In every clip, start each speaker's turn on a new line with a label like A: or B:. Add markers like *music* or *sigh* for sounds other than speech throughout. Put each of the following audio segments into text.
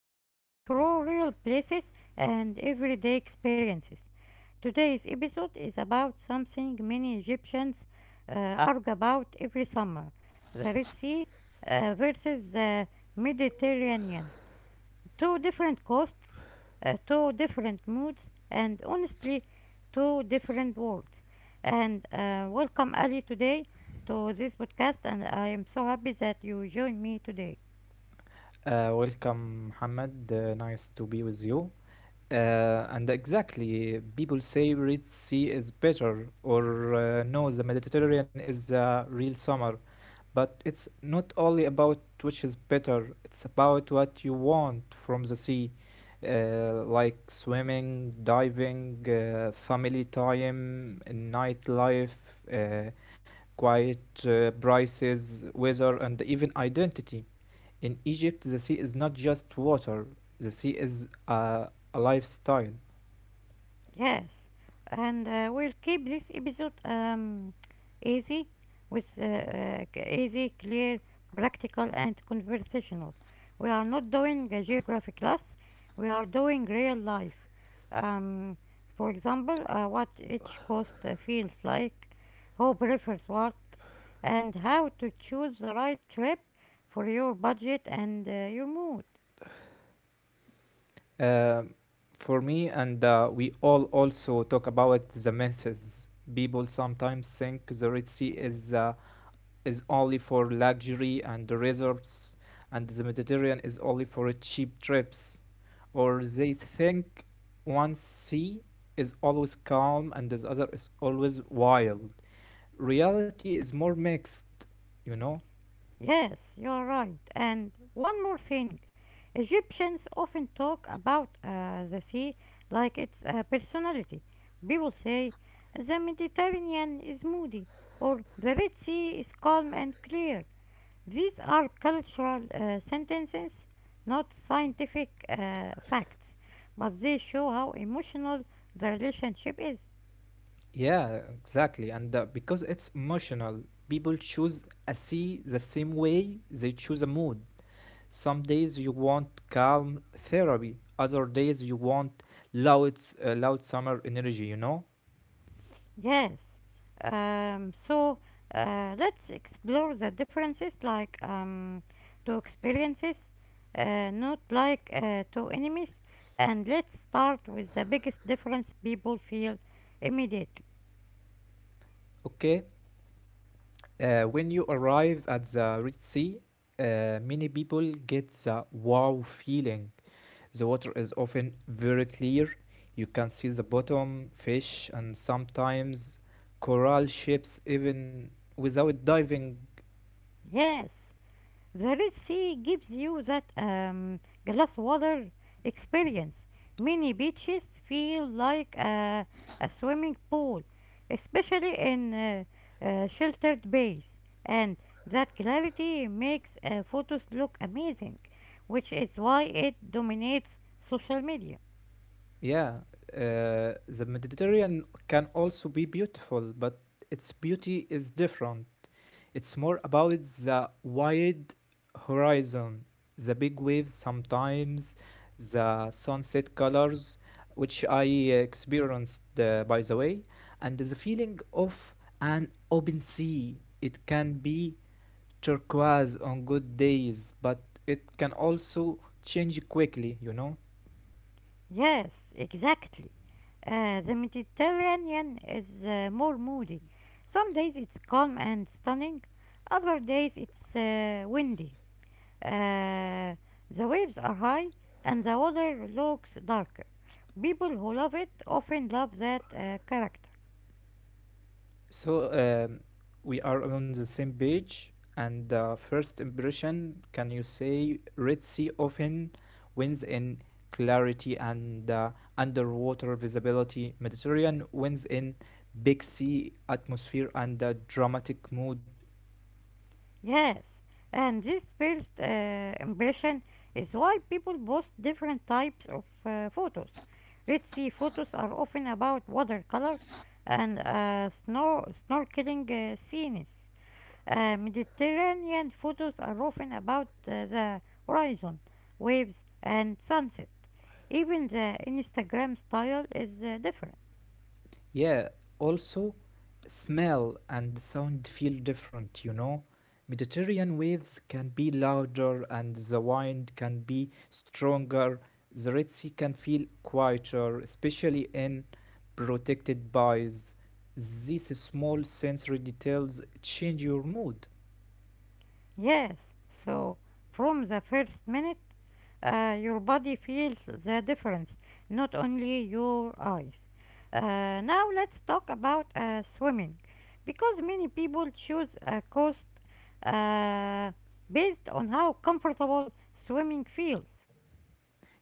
A: life through real places and everyday experiences. Today's episode is about something many Egyptians uh, argue about every summer, the Red Sea versus the Mediterranean, two different coasts, two different moods, and honestly, two different worlds. And Welcome, Ali, today to this podcast. And I am so happy that you join me today.
B: Welcome, Mohammed. Nice to be with you. Uh, and exactly, people say Red Sea is better, or no, the Mediterranean is the real summer. But it's not only about which is better, it's about what you want from the sea, like swimming, diving, family time, nightlife, uh, quiet prices, weather, and even identity. In Egypt, the sea is not just water, the sea is a lifestyle.
A: Yes, and we'll keep this episode easy, with easy, clear, practical, and conversational. We are not doing a geography class, we are doing real life. Um, for example, what each coast feels like, who prefers what, and how to choose the right trip for your budget and your mood.
B: Um, for me, and we all also talk about the myths. People sometimes think the Red Sea is only for luxury and resorts, and the Mediterranean is only for cheap trips. Or they think one sea is always calm and the other is always wild. Reality is more mixed, you know?
A: Yes, you're right. And one more thing, Egyptians often talk about the sea like it's a personality. People say the Mediterranean is moody or the Red Sea is calm and clear. These are cultural sentences, not scientific facts, but they show how emotional the relationship is.
B: Yeah, exactly. And because it's emotional, people choose a sea the same way they choose a mood. Some days you want calm therapy, other days you want loud, loud summer energy, you know?
A: Yes. So let's explore the differences like to experiences, not like to enemies. And let's start with the biggest difference people feel immediately.
B: Okay? When you arrive at the Red Sea, uh, many people get the wow feeling. The water is often very clear. You can see the bottom, fish, and sometimes coral ships even without diving.
A: Yes. The Red Sea gives you that glass water experience. Many beaches feel like a swimming pool, especially in sheltered bays, and that clarity makes photos look amazing, which is why it dominates social media.
B: Yeah, the Mediterranean can also be beautiful, but its beauty is different. It's more about the wide horizon, the big waves sometimes, the sunset colors, which I experienced, by the way, and the feeling of an open sea. It can be turquoise on good days, but it can also change quickly, you know?
A: Yes, exactly. The Mediterranean is more moody. Some days it's calm and stunning, other days it's windy. Uh, the waves are high and the water looks darker. People who love it often love that character.
B: So we are on the same page. And first impression, can you say Red Sea often wins in clarity and underwater visibility? Mediterranean wins in big sea atmosphere and dramatic mood.
A: Yes, and this first impression is why people post different types of photos. Red Sea photos are often about watercolor and snorkeling scenes. Mediterranean photos are often about the horizon, waves, and sunset. Even the Instagram style is different.
B: Yeah, also smell and sound feel different. Mediterranean waves can be louder and the wind can be stronger. The Red Sea can feel quieter, especially in protected bays. These small sensory details change your mood.
A: Yes, so from the first minute, your body feels the difference, not only your eyes. Now let's talk about swimming, because many people choose a coast uh, based on how comfortable swimming feels.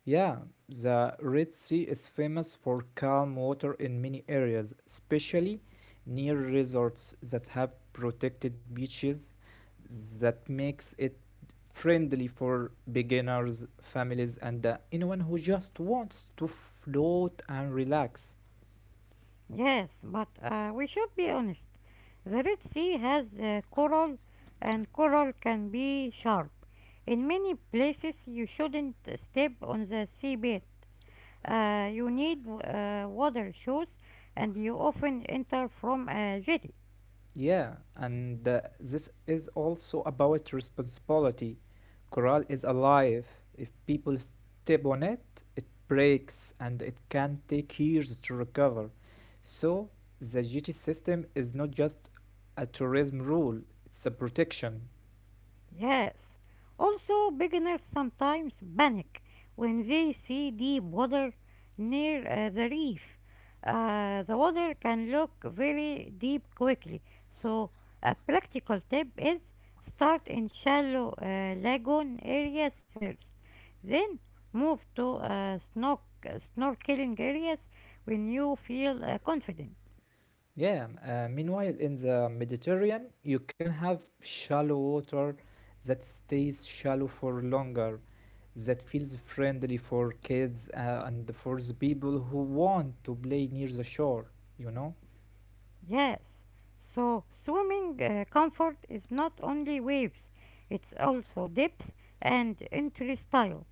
B: Yeah, the Red Sea is famous for calm water in many areas, especially near resorts that have protected beaches that makes it friendly for beginners, families and anyone who just wants to float and relax.
A: Yes, but we should be honest. The Red Sea has coral, and coral can be sharp. In many places, you shouldn't step on the seabed. You need water shoes, and you often enter from a jetty.
B: Yeah, and this is also about responsibility. Coral is alive. If people step on it, it breaks and it can take years to recover. So, the GT system is not just a tourism rule, it's a protection.
A: Yes. Also, beginners sometimes panic when they see deep water near the reef. The water can look very deep quickly. So, a practical tip is start in shallow lagoon areas first, then move to snorkeling areas when you feel confident.
B: Yeah, meanwhile, in the Mediterranean, you can have shallow water that stays shallow for longer. That feels friendly for kids and for the people who want to play near the shore, you know?
A: Yes, so swimming comfort is not only waves, it's also depth and entry style.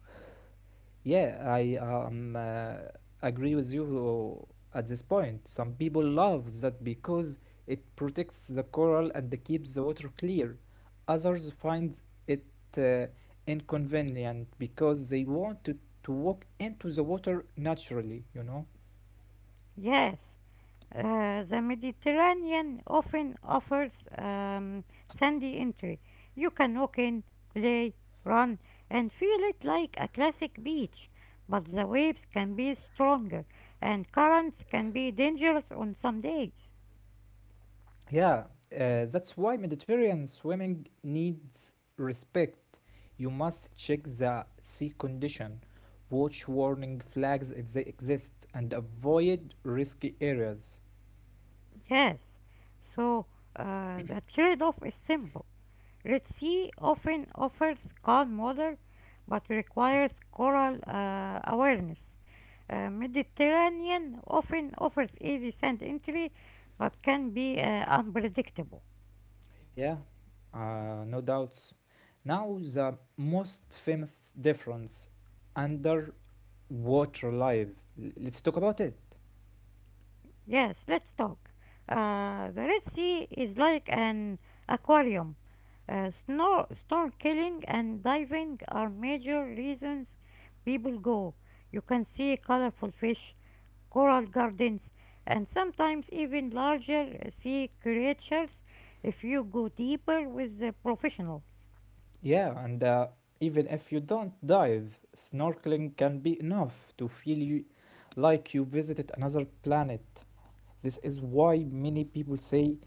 B: Yeah, I agree with you at this point. Some people love that because it protects the coral and keeps the water clear. Others find it uh, inconvenient because they want to walk into the water naturally, you know?
A: Yes, the Mediterranean often offers sandy entry. You can walk in, play, run, and feel it like a classic beach, but the waves can be stronger and currents can be dangerous on some days.
B: Yeah, that's why Mediterranean swimming needs respect. You must check the sea condition, watch warning flags if they exist, and avoid risky areas.
A: Yes, so the trade off is simple. Red Sea often offers calm water but requires coral awareness. Mediterranean often offers easy sand entry but can be unpredictable.
B: Yeah, no doubts. Now, the most famous difference underwater life. Let's talk about it.
A: Yes, let's talk. The Red Sea is like an aquarium. Snorkeling and diving are major reasons people go. You can see colorful fish, coral gardens, and sometimes even larger sea creatures if you go deeper with the professionals.
B: Yeah, and even if you don't dive, snorkeling can be enough to feel you like you visited another planet. This is why many people say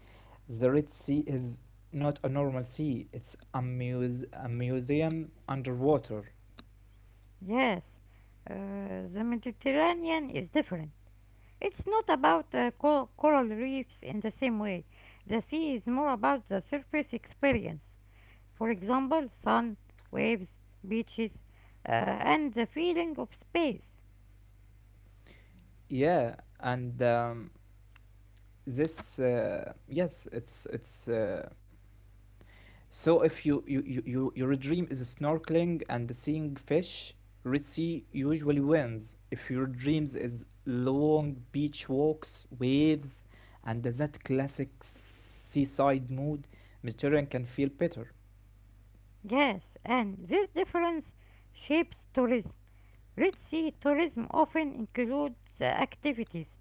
B: the Red Sea is not a normal sea, it's a museum underwater.
A: Yes, uh, the Mediterranean is different. It's not about coral reefs in the same way. The sea is more about the surface experience. For example, sun, waves, beaches, and the feeling of space.
B: Yeah, and this, yes, it's so if your dream is snorkeling and seeing fish, Red Sea usually wins. If your dreams is long beach walks, waves, and that classic seaside mood, Mediterranean can feel better.
A: Yes, and this difference shapes tourism. Red Sea tourism often includes activities,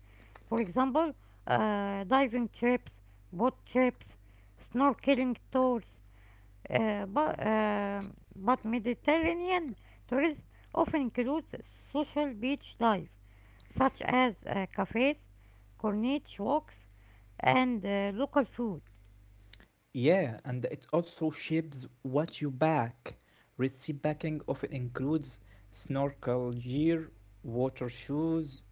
A: for example, diving trips, boat trips, snorkeling tours. But Mediterranean tourism often includes social beach life, such as cafes, corniche walks, and local food.
B: Yeah, and it also shapes what you pack. Red Sea backing often includes snorkel gear, water shoes,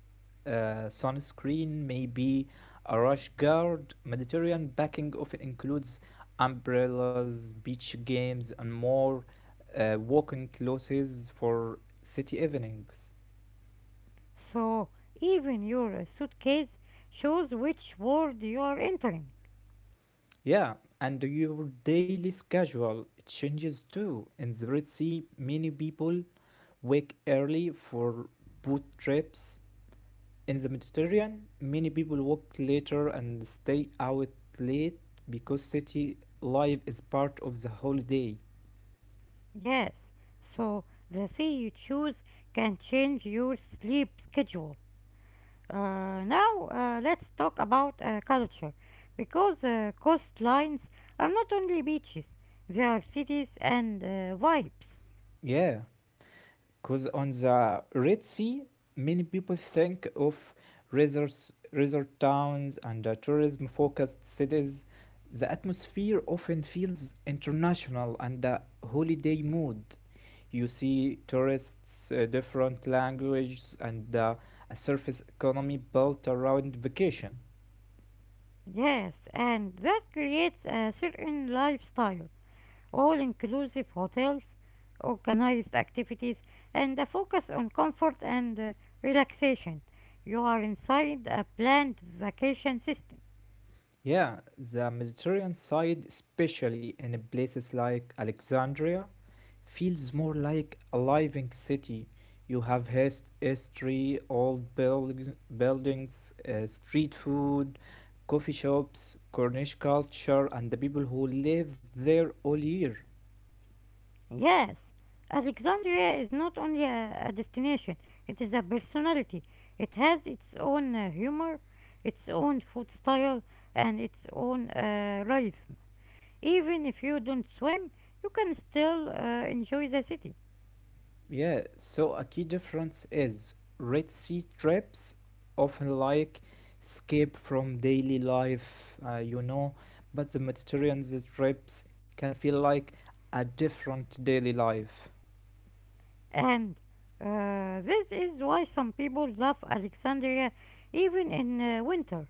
B: sunscreen may be a rash guard. Mediterranean backing often includes umbrellas, beach games, and more walking clothes for city evenings.
A: So even your suitcase shows which world you are entering.
B: Yeah, and your daily schedule changes too. In the Red Sea, many people wake early for boat trips. In the Mediterranean, many people work later and stay out late because city life is part of the holiday.
A: Yes, so the sea you choose can change your sleep schedule. Now, let's talk about culture, because coastlines are not only beaches, they are cities and vibes.
B: Yeah, because on the Red Sea, many people think of resort towns and tourism focused cities. The atmosphere often feels international and a holiday mood. You see tourists, different languages, and a surface economy built around vacation.
A: Yes, and that creates a certain lifestyle, all inclusive hotels, organized activities, and a focus on comfort and relaxation. You are inside a planned vacation system.
B: Yeah, the Mediterranean side, especially in places like Alexandria, feels more like a living city. You have history, old buildings, street food, coffee shops, Cornish culture, and the people who live there all year.
A: Yes, Alexandria is not only a destination, it is a personality. It has its own humor, its own food style, and its own rhythm. Even if you don't swim, you can still enjoy the city.
B: Yeah, so a key difference is Red Sea trips often like escape from daily life, but the Mediterranean trips can feel like a different daily life.
A: And this is why some people love Alexandria even in winter.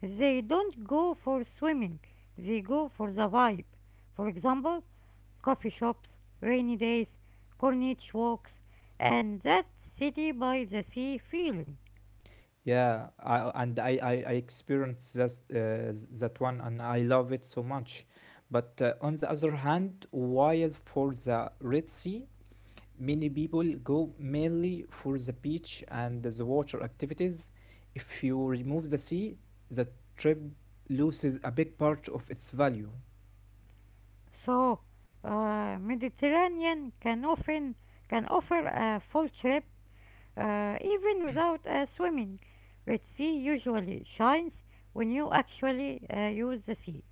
A: They don't go for swimming, they go for the vibe. For example, coffee shops, rainy days, corniche walks, and that city by the sea feeling.
B: Yeah, I experienced that, that one and I love it so much. But on the other hand, while for the Red Sea, many people go mainly for the beach and the water activities. If you remove the sea, the trip loses a big part of its value.
A: So, Mediterranean can often can offer a full trip even without swimming. Red Sea usually shines when you actually use the sea.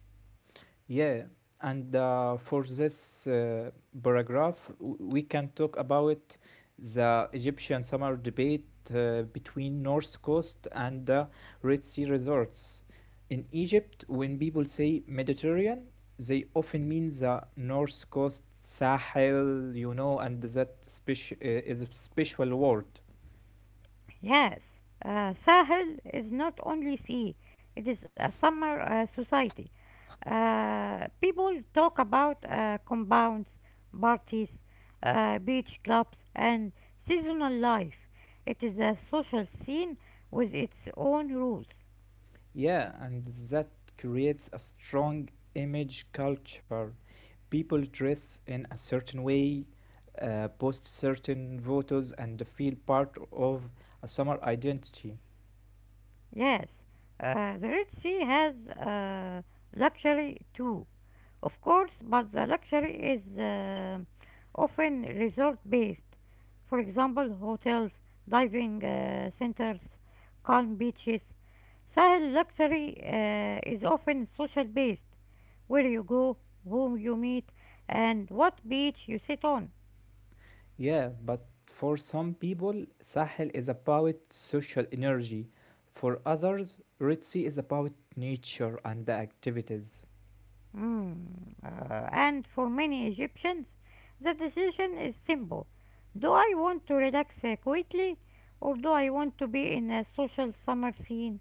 B: Yeah, and for this paragraph, we can talk about the Egyptian summer debate between North Coast and the Red Sea resorts. In Egypt, when people say Mediterranean, they often mean the North Coast Sahel, and that is a special word.
A: Yes, Sahel is not only sea, it is a summer society. People talk about compounds, parties, beach clubs, and seasonal life. It is a social scene with its own rules.
B: Yeah, and that creates a strong image culture people dress in a certain way, post certain photos, and feel part of a summer identity.
A: Yes, the Red Sea has luxury too, of course, but the luxury is often resort based. For example, hotels, diving centers, calm beaches. Sahel luxury is often social based, where you go, whom you meet, and what beach you sit on.
B: Yeah, but for some people, Sahel is about social energy. For others, Red Sea is about nature and the activities.
A: Mm, and for many Egyptians, the decision is simple. Do I want to relax quietly or do I want to be in a social summer scene?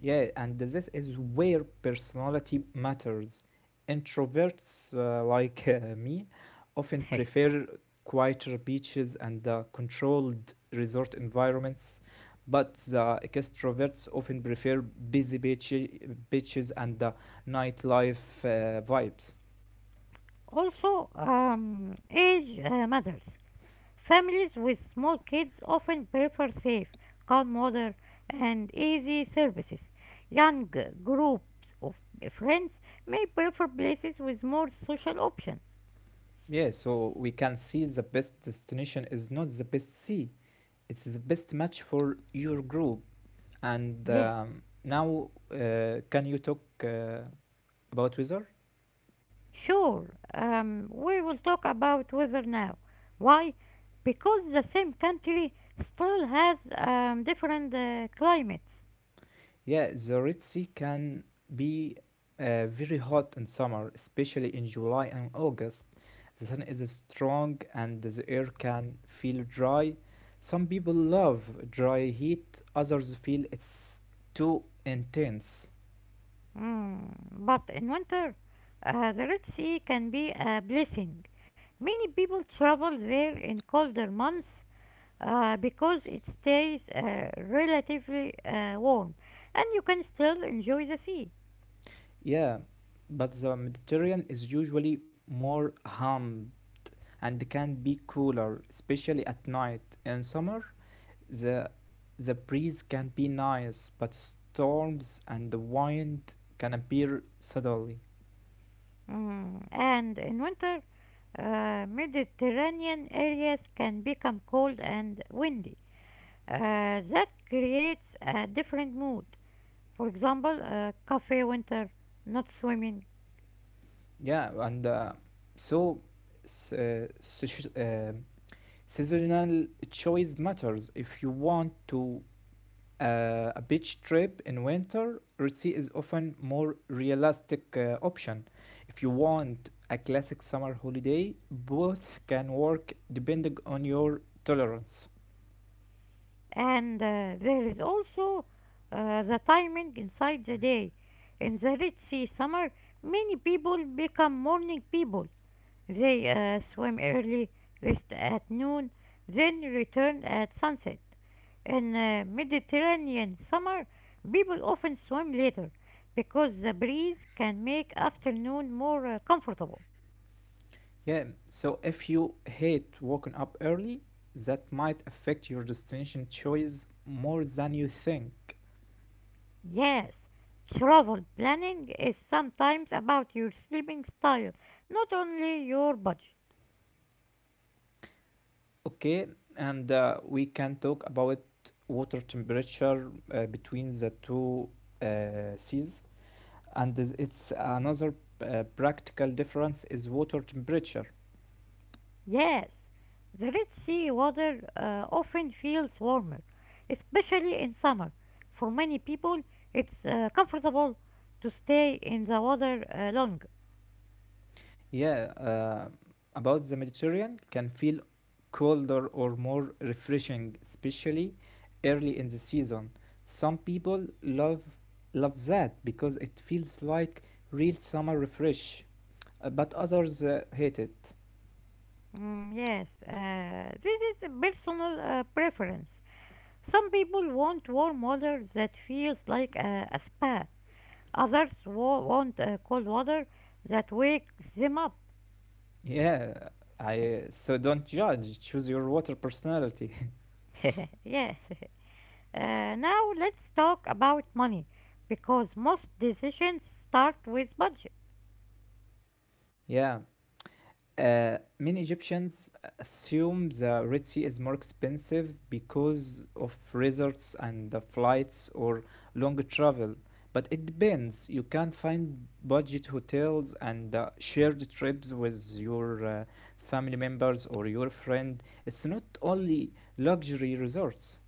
B: Yeah, and this is where personality matters. Introverts like me often
A: *laughs*
B: prefer quieter beaches and controlled resort environments, but the extroverts often prefer busy beaches and nightlife vibes.
A: Also, age matters. Families with small kids often prefer safe, calm water, and easy services. Young groups of friends may prefer places with more social options.
B: Yeah, so we can see the best destination is not the best sea, it's the best match for your group. And
A: Yes.
B: now, can you talk about weather?
A: Sure, we will talk about weather now. Why? Because the same country still has different climates.
B: Yeah, the Red Sea can be very hot in summer, especially in July and August. The sun is strong and the air can feel dry. Some people love dry heat, others feel it's too intense.
A: Mm, but in winter, the Red Sea can be a blessing. Many people travel there in colder months because it stays relatively warm and you can still enjoy the sea.
B: Yeah, but the Mediterranean is usually more humid and can be cooler, especially at night. In summer, The the breeze can be nice, but storms and the wind can appear suddenly.
A: Mm, and in winter, Mediterranean areas can become cold and windy. That creates a different mood. For example, cafe winter, not swimming.
B: Yeah, and so s- uh, such- uh, seasonal choice matters. If you want to a beach trip in winter, Red Sea is often more realistic option. If you want a classic summer holiday, both can work depending on your tolerance.
A: And there is also the timing inside the day. In the Red Sea summer, many people become morning people. They swam early, rest at noon, then returned at sunset. In Mediterranean summer, people often swim later because the breeze can make afternoon more comfortable.
B: Yeah, so if you hate waking up early, that might affect your destination choice more than you think.
A: Yes, travel planning is sometimes about your sleeping style, not only your budget.
B: Okay, and we can talk about water temperature between the two seas, and it's another practical difference is water temperature.
A: Yes, the Red Sea water often feels warmer, especially in summer. For many people, it's comfortable to stay in the water longer.
B: Yeah, about the Mediterranean can feel colder or more refreshing, especially early in the season. Some people love that because it feels like real summer refresh, but others hate it.
A: Mm, yes, this is a personal preference. Some people want warm water that feels like a spa. Others want cold water that wakes them up.
B: Yeah, I so don't judge. Choose your water personality.
A: *laughs* Yes. Now let's talk about money because most decisions start with budget.
B: *laughs* Yeah. Many Egyptians assume the Red Sea is more expensive because of resorts and the flights or long travel. But it depends. You can find budget hotels and shared trips with your family members or your friend. It's not only luxury resorts.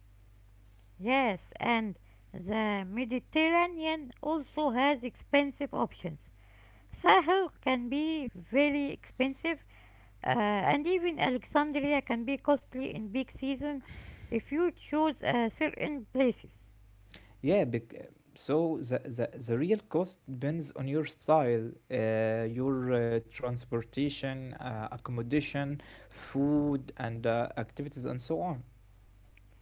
A: Yes, and the Mediterranean also has expensive options. Sahel can be very expensive, uh, and even Alexandria can be costly in peak season if you choose certain places.
B: Yeah, so the real cost depends on your style, your transportation, accommodation, food, and activities, and so on.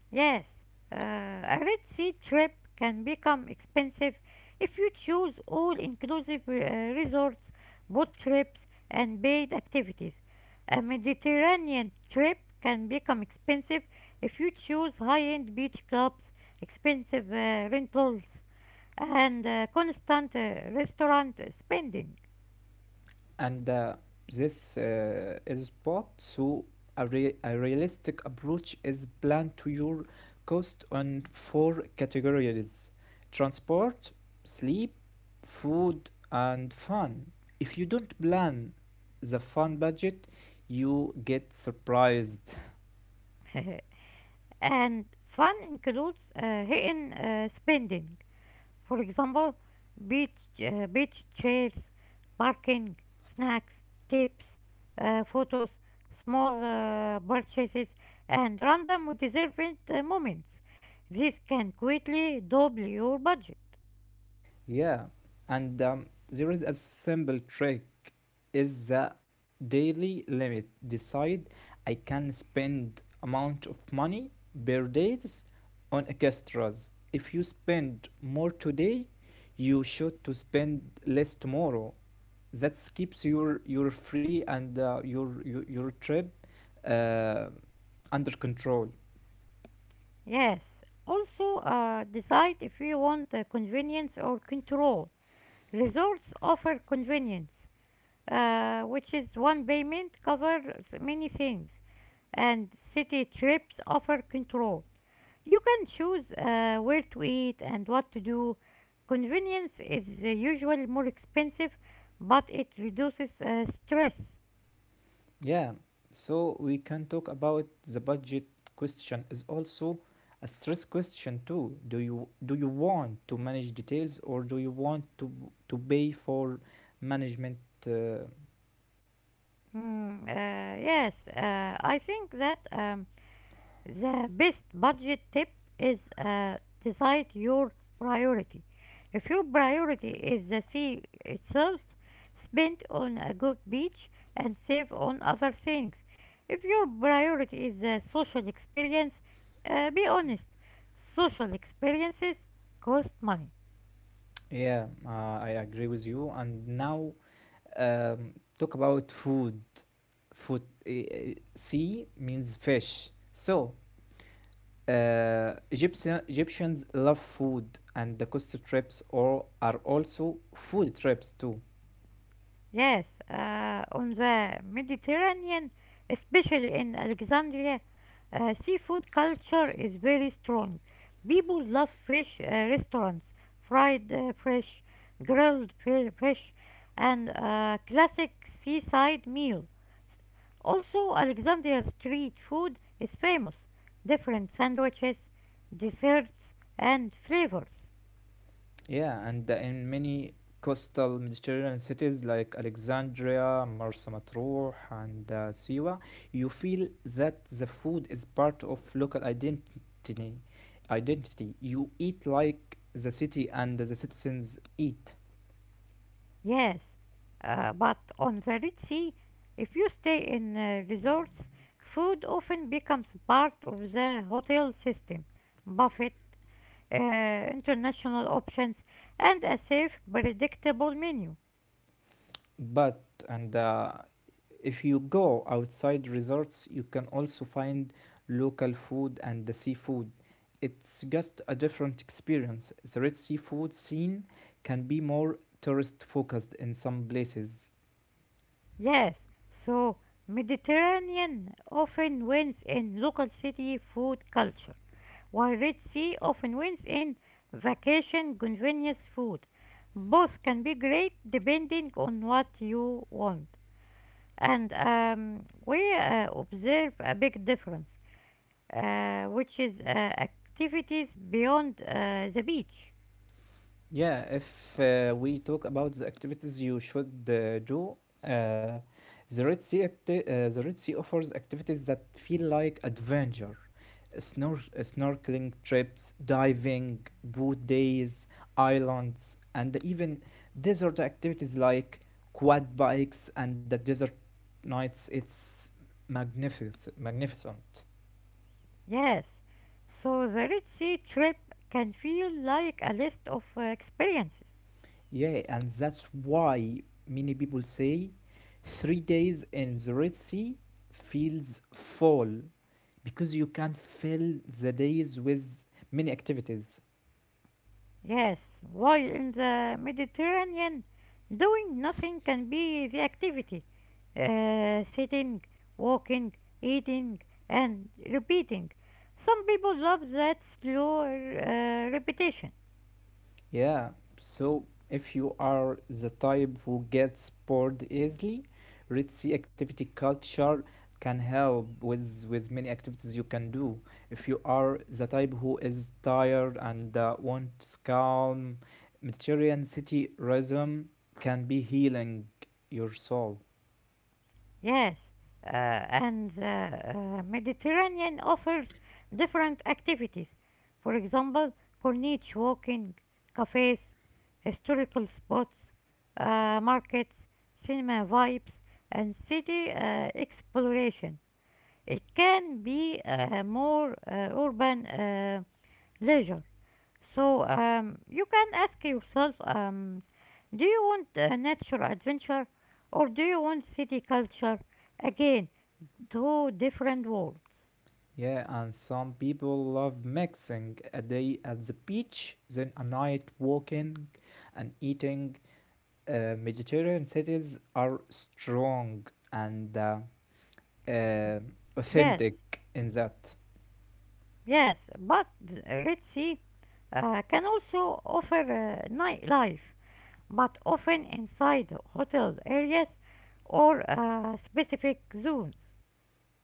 A: Yes, a red sea trip can become expensive if you choose all inclusive resorts, boat trips, and paid activities. A Mediterranean trip can become expensive if you choose high end beach clubs, expensive rentals, and constant restaurant spending.
B: And this is spot. So a realistic approach is planned to your cost on four categories: transport, sleep, food, and fun. If you don't plan the fun budget, you get surprised.
A: *laughs* And fun includes hidden spending. For example, beach, beach chairs, parking, snacks, tips, photos, small purchases, and random deserved moments. This can quickly double your budget.
B: Yeah, and there is a simple trick is the daily limit. Decide I can spend amount of money per days on extras. If you spend more today, you should to spend less tomorrow. That keeps your free and your trip uh, under control.
A: Yes, also decide if you want convenience or control. Resorts offer convenience, which is one payment covers many things, and city trips offer control. You can choose where to eat and what to do. Convenience is usually more expensive, but it reduces stress.
B: Yeah, so we can talk about the budget question is also a stress question too. Do you want to manage details or do you want to pay for management? Uh,
A: Mm, uh, yes, I think that the best budget tip is decide your priority. If your priority is the sea itself, spend on a good beach and save on other things. If your priority is the social experience, be honest. Social experiences cost money.
B: yeah, I agree with you. And now talk about food. Food sea means fish. So Egyptians love food, and the coast trips or are also food trips too.
A: Yes, on the Mediterranean, especially in Alexandria, seafood culture is very strong. People love fish restaurants, fried fish, fish, and classic seaside meal. Also, Alexandria street food is famous. Different sandwiches, desserts, and flavors.
B: Yeah, and in many coastal Mediterranean cities like Alexandria, Marsa Matruh, and Siwa, you feel that the food is part of local identity. Identity. You eat like the city and the citizens eat.
A: Yes, but on the Red Sea, if you stay in resorts, food often becomes part of the hotel system. Buffet, international options, and a safe, predictable menu.
B: But and if you go outside resorts, you can also find local food and the seafood. It's just a different experience. The Red seafood scene can be more tourist focused in some places.
A: Yes, so Mediterranean often wins in local city food culture, while Red Sea often wins in vacation convenience food. Both can be great depending on what you want. And we observe a big difference, which is activities beyond the beach.
B: Yeah, if we talk about the activities you should do, uh, the the Red Sea offers activities that feel like adventure. Snorkeling trips, diving, boat days, islands, and even desert activities like quad bikes and the desert nights. It's magnificent.
A: Yes, so the Red Sea trip can feel like a list of experiences.
B: Yeah, and that's why many people say 3 days in the Red Sea feels full because you can fill the days with many activities.
A: Yes, while in the Mediterranean, doing nothing can be the activity. Sitting, walking, eating, and repeating. Some people love that slow repetition.
B: Yeah, so if you are the type who gets bored easily, Red Sea activity culture can help with many activities you can do. If you are the type who is tired and wants calm, Mediterranean city rhythm can be healing your soul.
A: Yes, and the Mediterranean offers different activities. For example, Corniche walking, cafes, historical spots, markets, cinema vibes, and city exploration. It can be more urban leisure. So you can ask yourself do you want nature adventure or do you want city culture? Again, two different worlds.
B: Yeah, and some people love mixing a day at the beach, then a night walking and eating. Mediterranean cities are strong and uh, authentic
A: Yes,
B: in that.
A: yes, but the Red Sea can also offer nightlife, but often inside hotel areas or specific zones.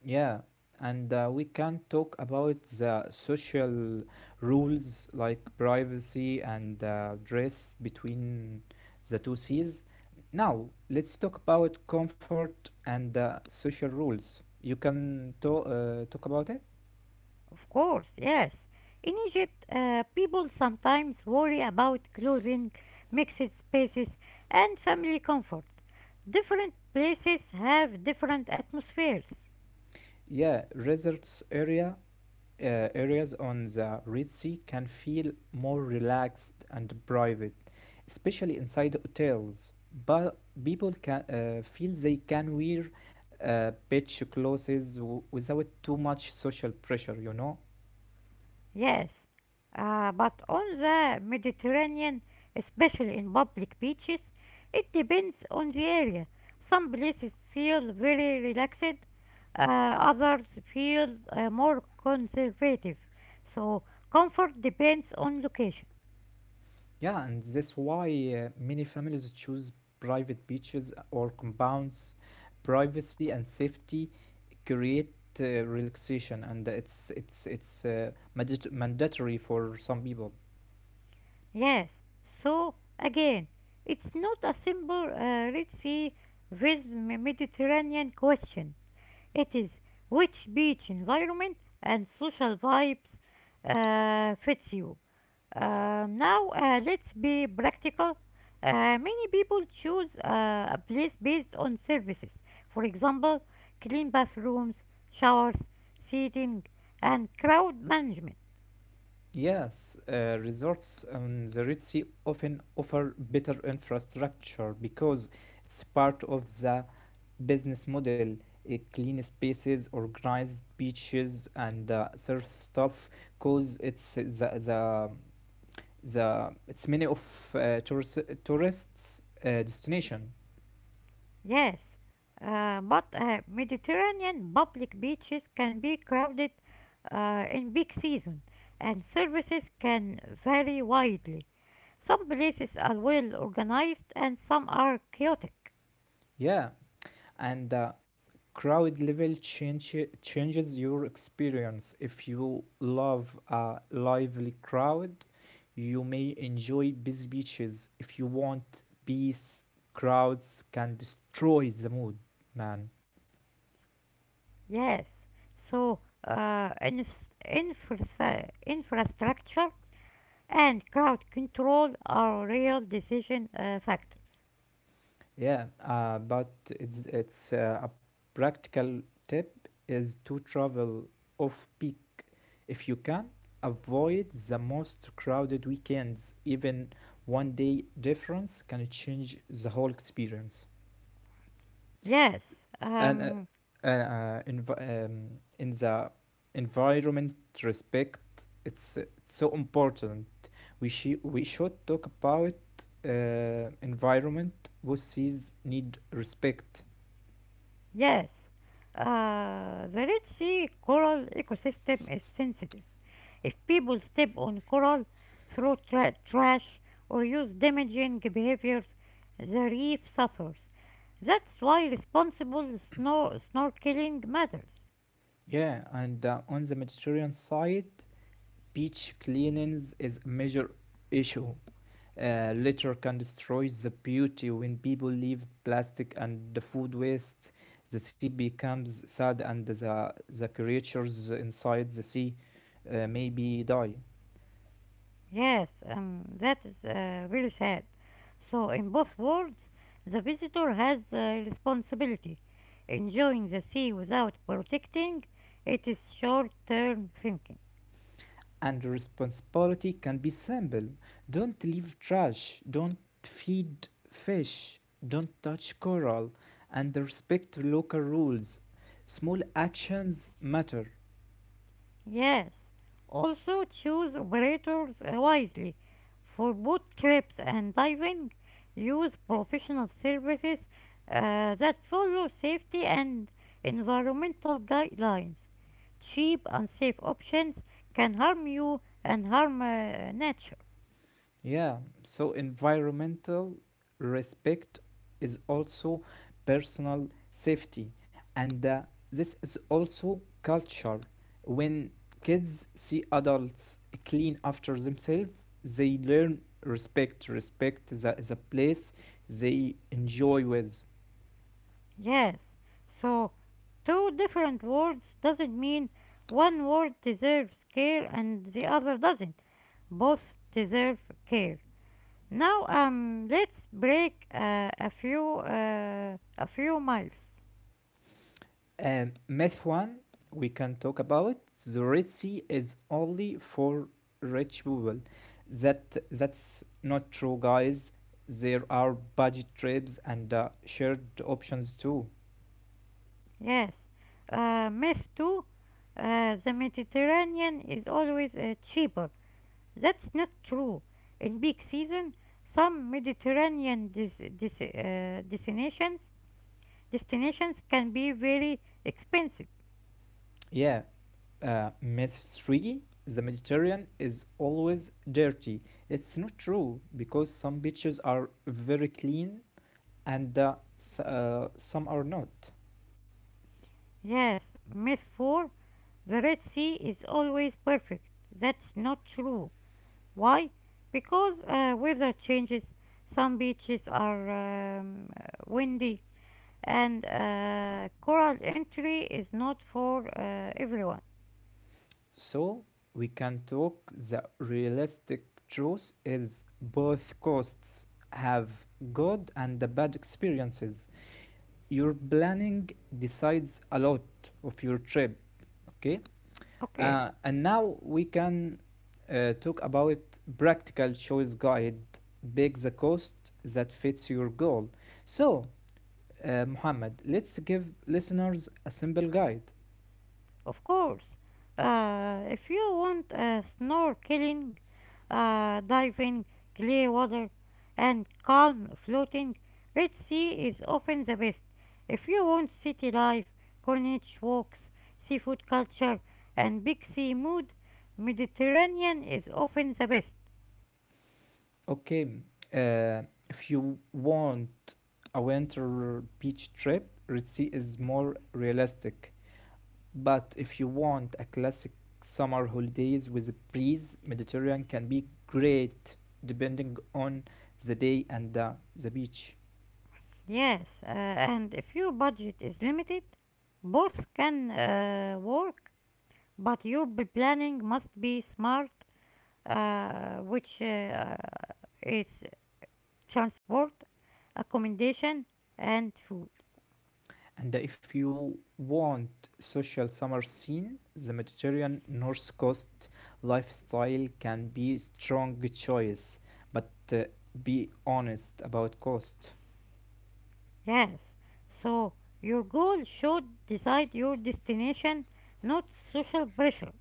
B: Yeah, and we can talk about the social rules like privacy and dress between the two seas. Now, let's talk about comfort and social rules. You can talk about it?
A: Of course, yes. In Egypt, people sometimes worry about clothing, mixed spaces, and family comfort. Different places have different atmospheres.
B: Yeah, resorts area areas on the Red Sea can feel more relaxed and private, especially inside hotels. But people can feel they can wear beach clothes without too much social pressure,
A: Yes, but on the Mediterranean, especially in public beaches, it depends on the area. Some places feel very relaxed, others feel more conservative. So, comfort depends on location.
B: Yeah, and that's why many families choose private beaches or compounds. Privacy and safety create relaxation, and it's mandatory for some people.
A: Yes, so again, it's not a simple Red Sea with Mediterranean question. It is which beach environment and social vibes fits you. Now, let's be practical. Many people choose a place based on services. For example, clean bathrooms, showers, seating, and crowd management.
B: Yes, resorts on the Red Sea often offer better infrastructure because it's part of the business model. Clean spaces, organized beaches, and surf stuff cause it's the it's many of tourists destination.
A: Yes, but Mediterranean public beaches can be crowded in peak season, and services can vary widely. Some places are well organized and some are chaotic.
B: Yeah, and the crowd level change, changes your experience. If you love a lively crowd, you may enjoy busy beaches. If you want peace, crowds can destroy the mood, man.
A: Yes. So, infrastructure and crowd control are real decision factors.
B: Yeah, but it's a practical tip is to travel off peak. If you can, avoid the most crowded weekends. Even one day difference can change the whole experience.
A: Yes.
B: And uh, uh, env- um, in the environment respect, it's so important. We should talk about environment who sees need respect.
A: Yes, the Red Sea coral ecosystem is sensitive. If people step on coral, throw trash, or use damaging behaviors, the reef suffers. That's why responsible snorkeling matters.
B: Yeah, and on the Mediterranean side, beach cleanings is a major issue. Litter can destroy the beauty when people leave plastic and the food waste. The sea becomes sad, and the creatures inside the sea maybe die.
A: Yes, that is really sad. So, in both worlds, the visitor has the responsibility. Enjoying the sea without protecting it is short term thinking.
B: And responsibility can be simple: don't leave trash, don't feed fish, don't touch coral, and respect local rules. Small actions matter.
A: Yes. Also choose operators wisely. For boat trips and diving, use professional services that follow safety and environmental guidelines. Cheap, unsafe options can harm you and harm nature.
B: Yeah, so environmental respect is also personal safety, and this is also culture. When kids see adults clean after themselves, they learn respect. Respect is is a place they enjoy with.
A: Yes. So, two different words doesn't mean one word deserves care and the other doesn't. Both deserve care. Now, let's break a few miles.
B: Myth one, we can talk about the Red Sea is only for rich people. That's not true, guys. There are budget trips and shared options too.
A: Yes. Myth 2 the Mediterranean is always cheaper. That's not true. In peak season, some Mediterranean destinations can be very expensive.
B: Yeah. Myth three, the Mediterranean is always dirty. It's not true because some beaches are very clean and some are not.
A: Yes. Myth 4, the Red Sea is always perfect. That's not true. Why? Because weather changes. Some beaches are um, windy, and coral entry is not for everyone.
B: So we can talk the realistic truth is both coasts have good and the bad experiences. Your planning decides a lot of your trip, okay?
A: Okay.
B: And now we can talk about practical choice guide. Pick the cost that fits your goal. So, Mohammed, let's give listeners a simple guide.
A: Of course, if you want snorkeling, diving, clear water, and calm floating, Red Sea is often the best. If you want city life, corniche walks, seafood culture, and big sea mood, Mediterranean is often the best.
B: Okay, uh, if you want a winter beach trip, Red Sea is more realistic. But if you want a classic summer holidays with a breeze, Mediterranean can be great depending on the day and the beach.
A: Yes, and if your budget is limited, both can work, but your planning must be smart, which is transport, accommodation, and food.
B: And if you want social summer scene, the Mediterranean North Coast lifestyle can be strong choice. But be honest about cost.
A: Yes, so your goal should decide your destination, not social pressure.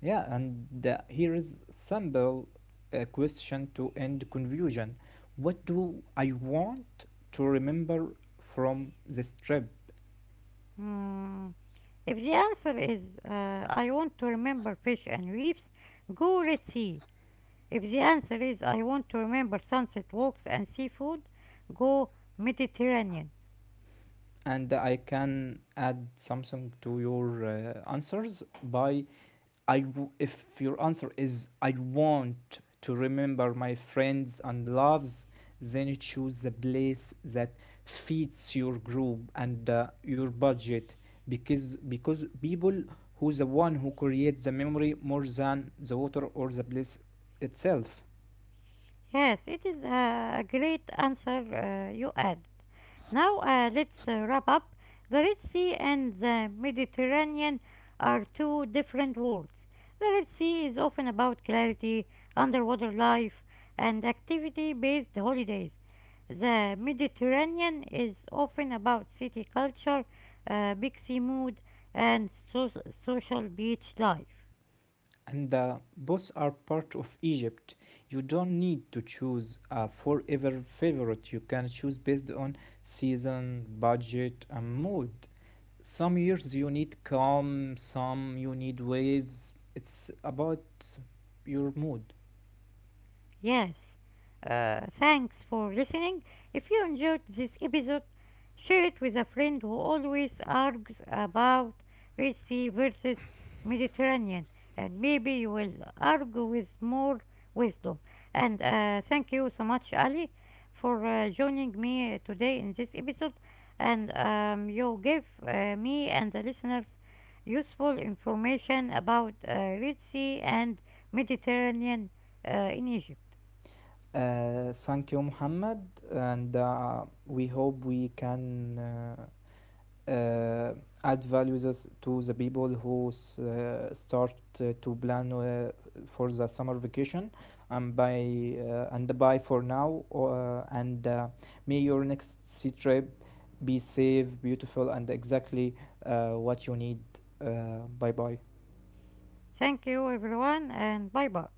B: Yeah, and here is simple question to end confusion. What do I want to remember from this trip?
A: Mm, if the answer is I want to remember fish and reefs, go Red Sea. If the answer is I want to remember sunset walks and seafood, go Mediterranean.
B: And I can add something to your answers by if your answer is I want to remember my friends and loves, then choose the place that fits your group and your budget because people who's the one who creates the memory more than the water or the place itself.
A: Yes, it is a great answer you added. Now, let's wrap up. The Red Sea and the Mediterranean are two different worlds. The Red Sea is often about clarity, underwater life, and activity based holidays. The Mediterranean is often about city culture, big sea mood, and social beach life.
B: And both are part of Egypt. You don't need to choose a forever favorite. You can choose based on season, budget, and mood. Some years you need calm, some you need waves. It's about your mood.
A: Yes. Thanks for listening. If you enjoyed this episode, share it with a friend who always argues about Red Sea versus Mediterranean, and maybe you will argue with more wisdom. And thank you so much, Ali, for joining me today in this episode. And you gave me and the listeners useful information about Red Sea and Mediterranean in Egypt.
B: Thank you, Muhammad, and we hope we can uh, add values to the people who start to plan for the summer vacation and by and bye for now and may your next sea trip be safe beautiful and exactly what you need. Bye bye.
A: Thank you, everyone, and bye bye.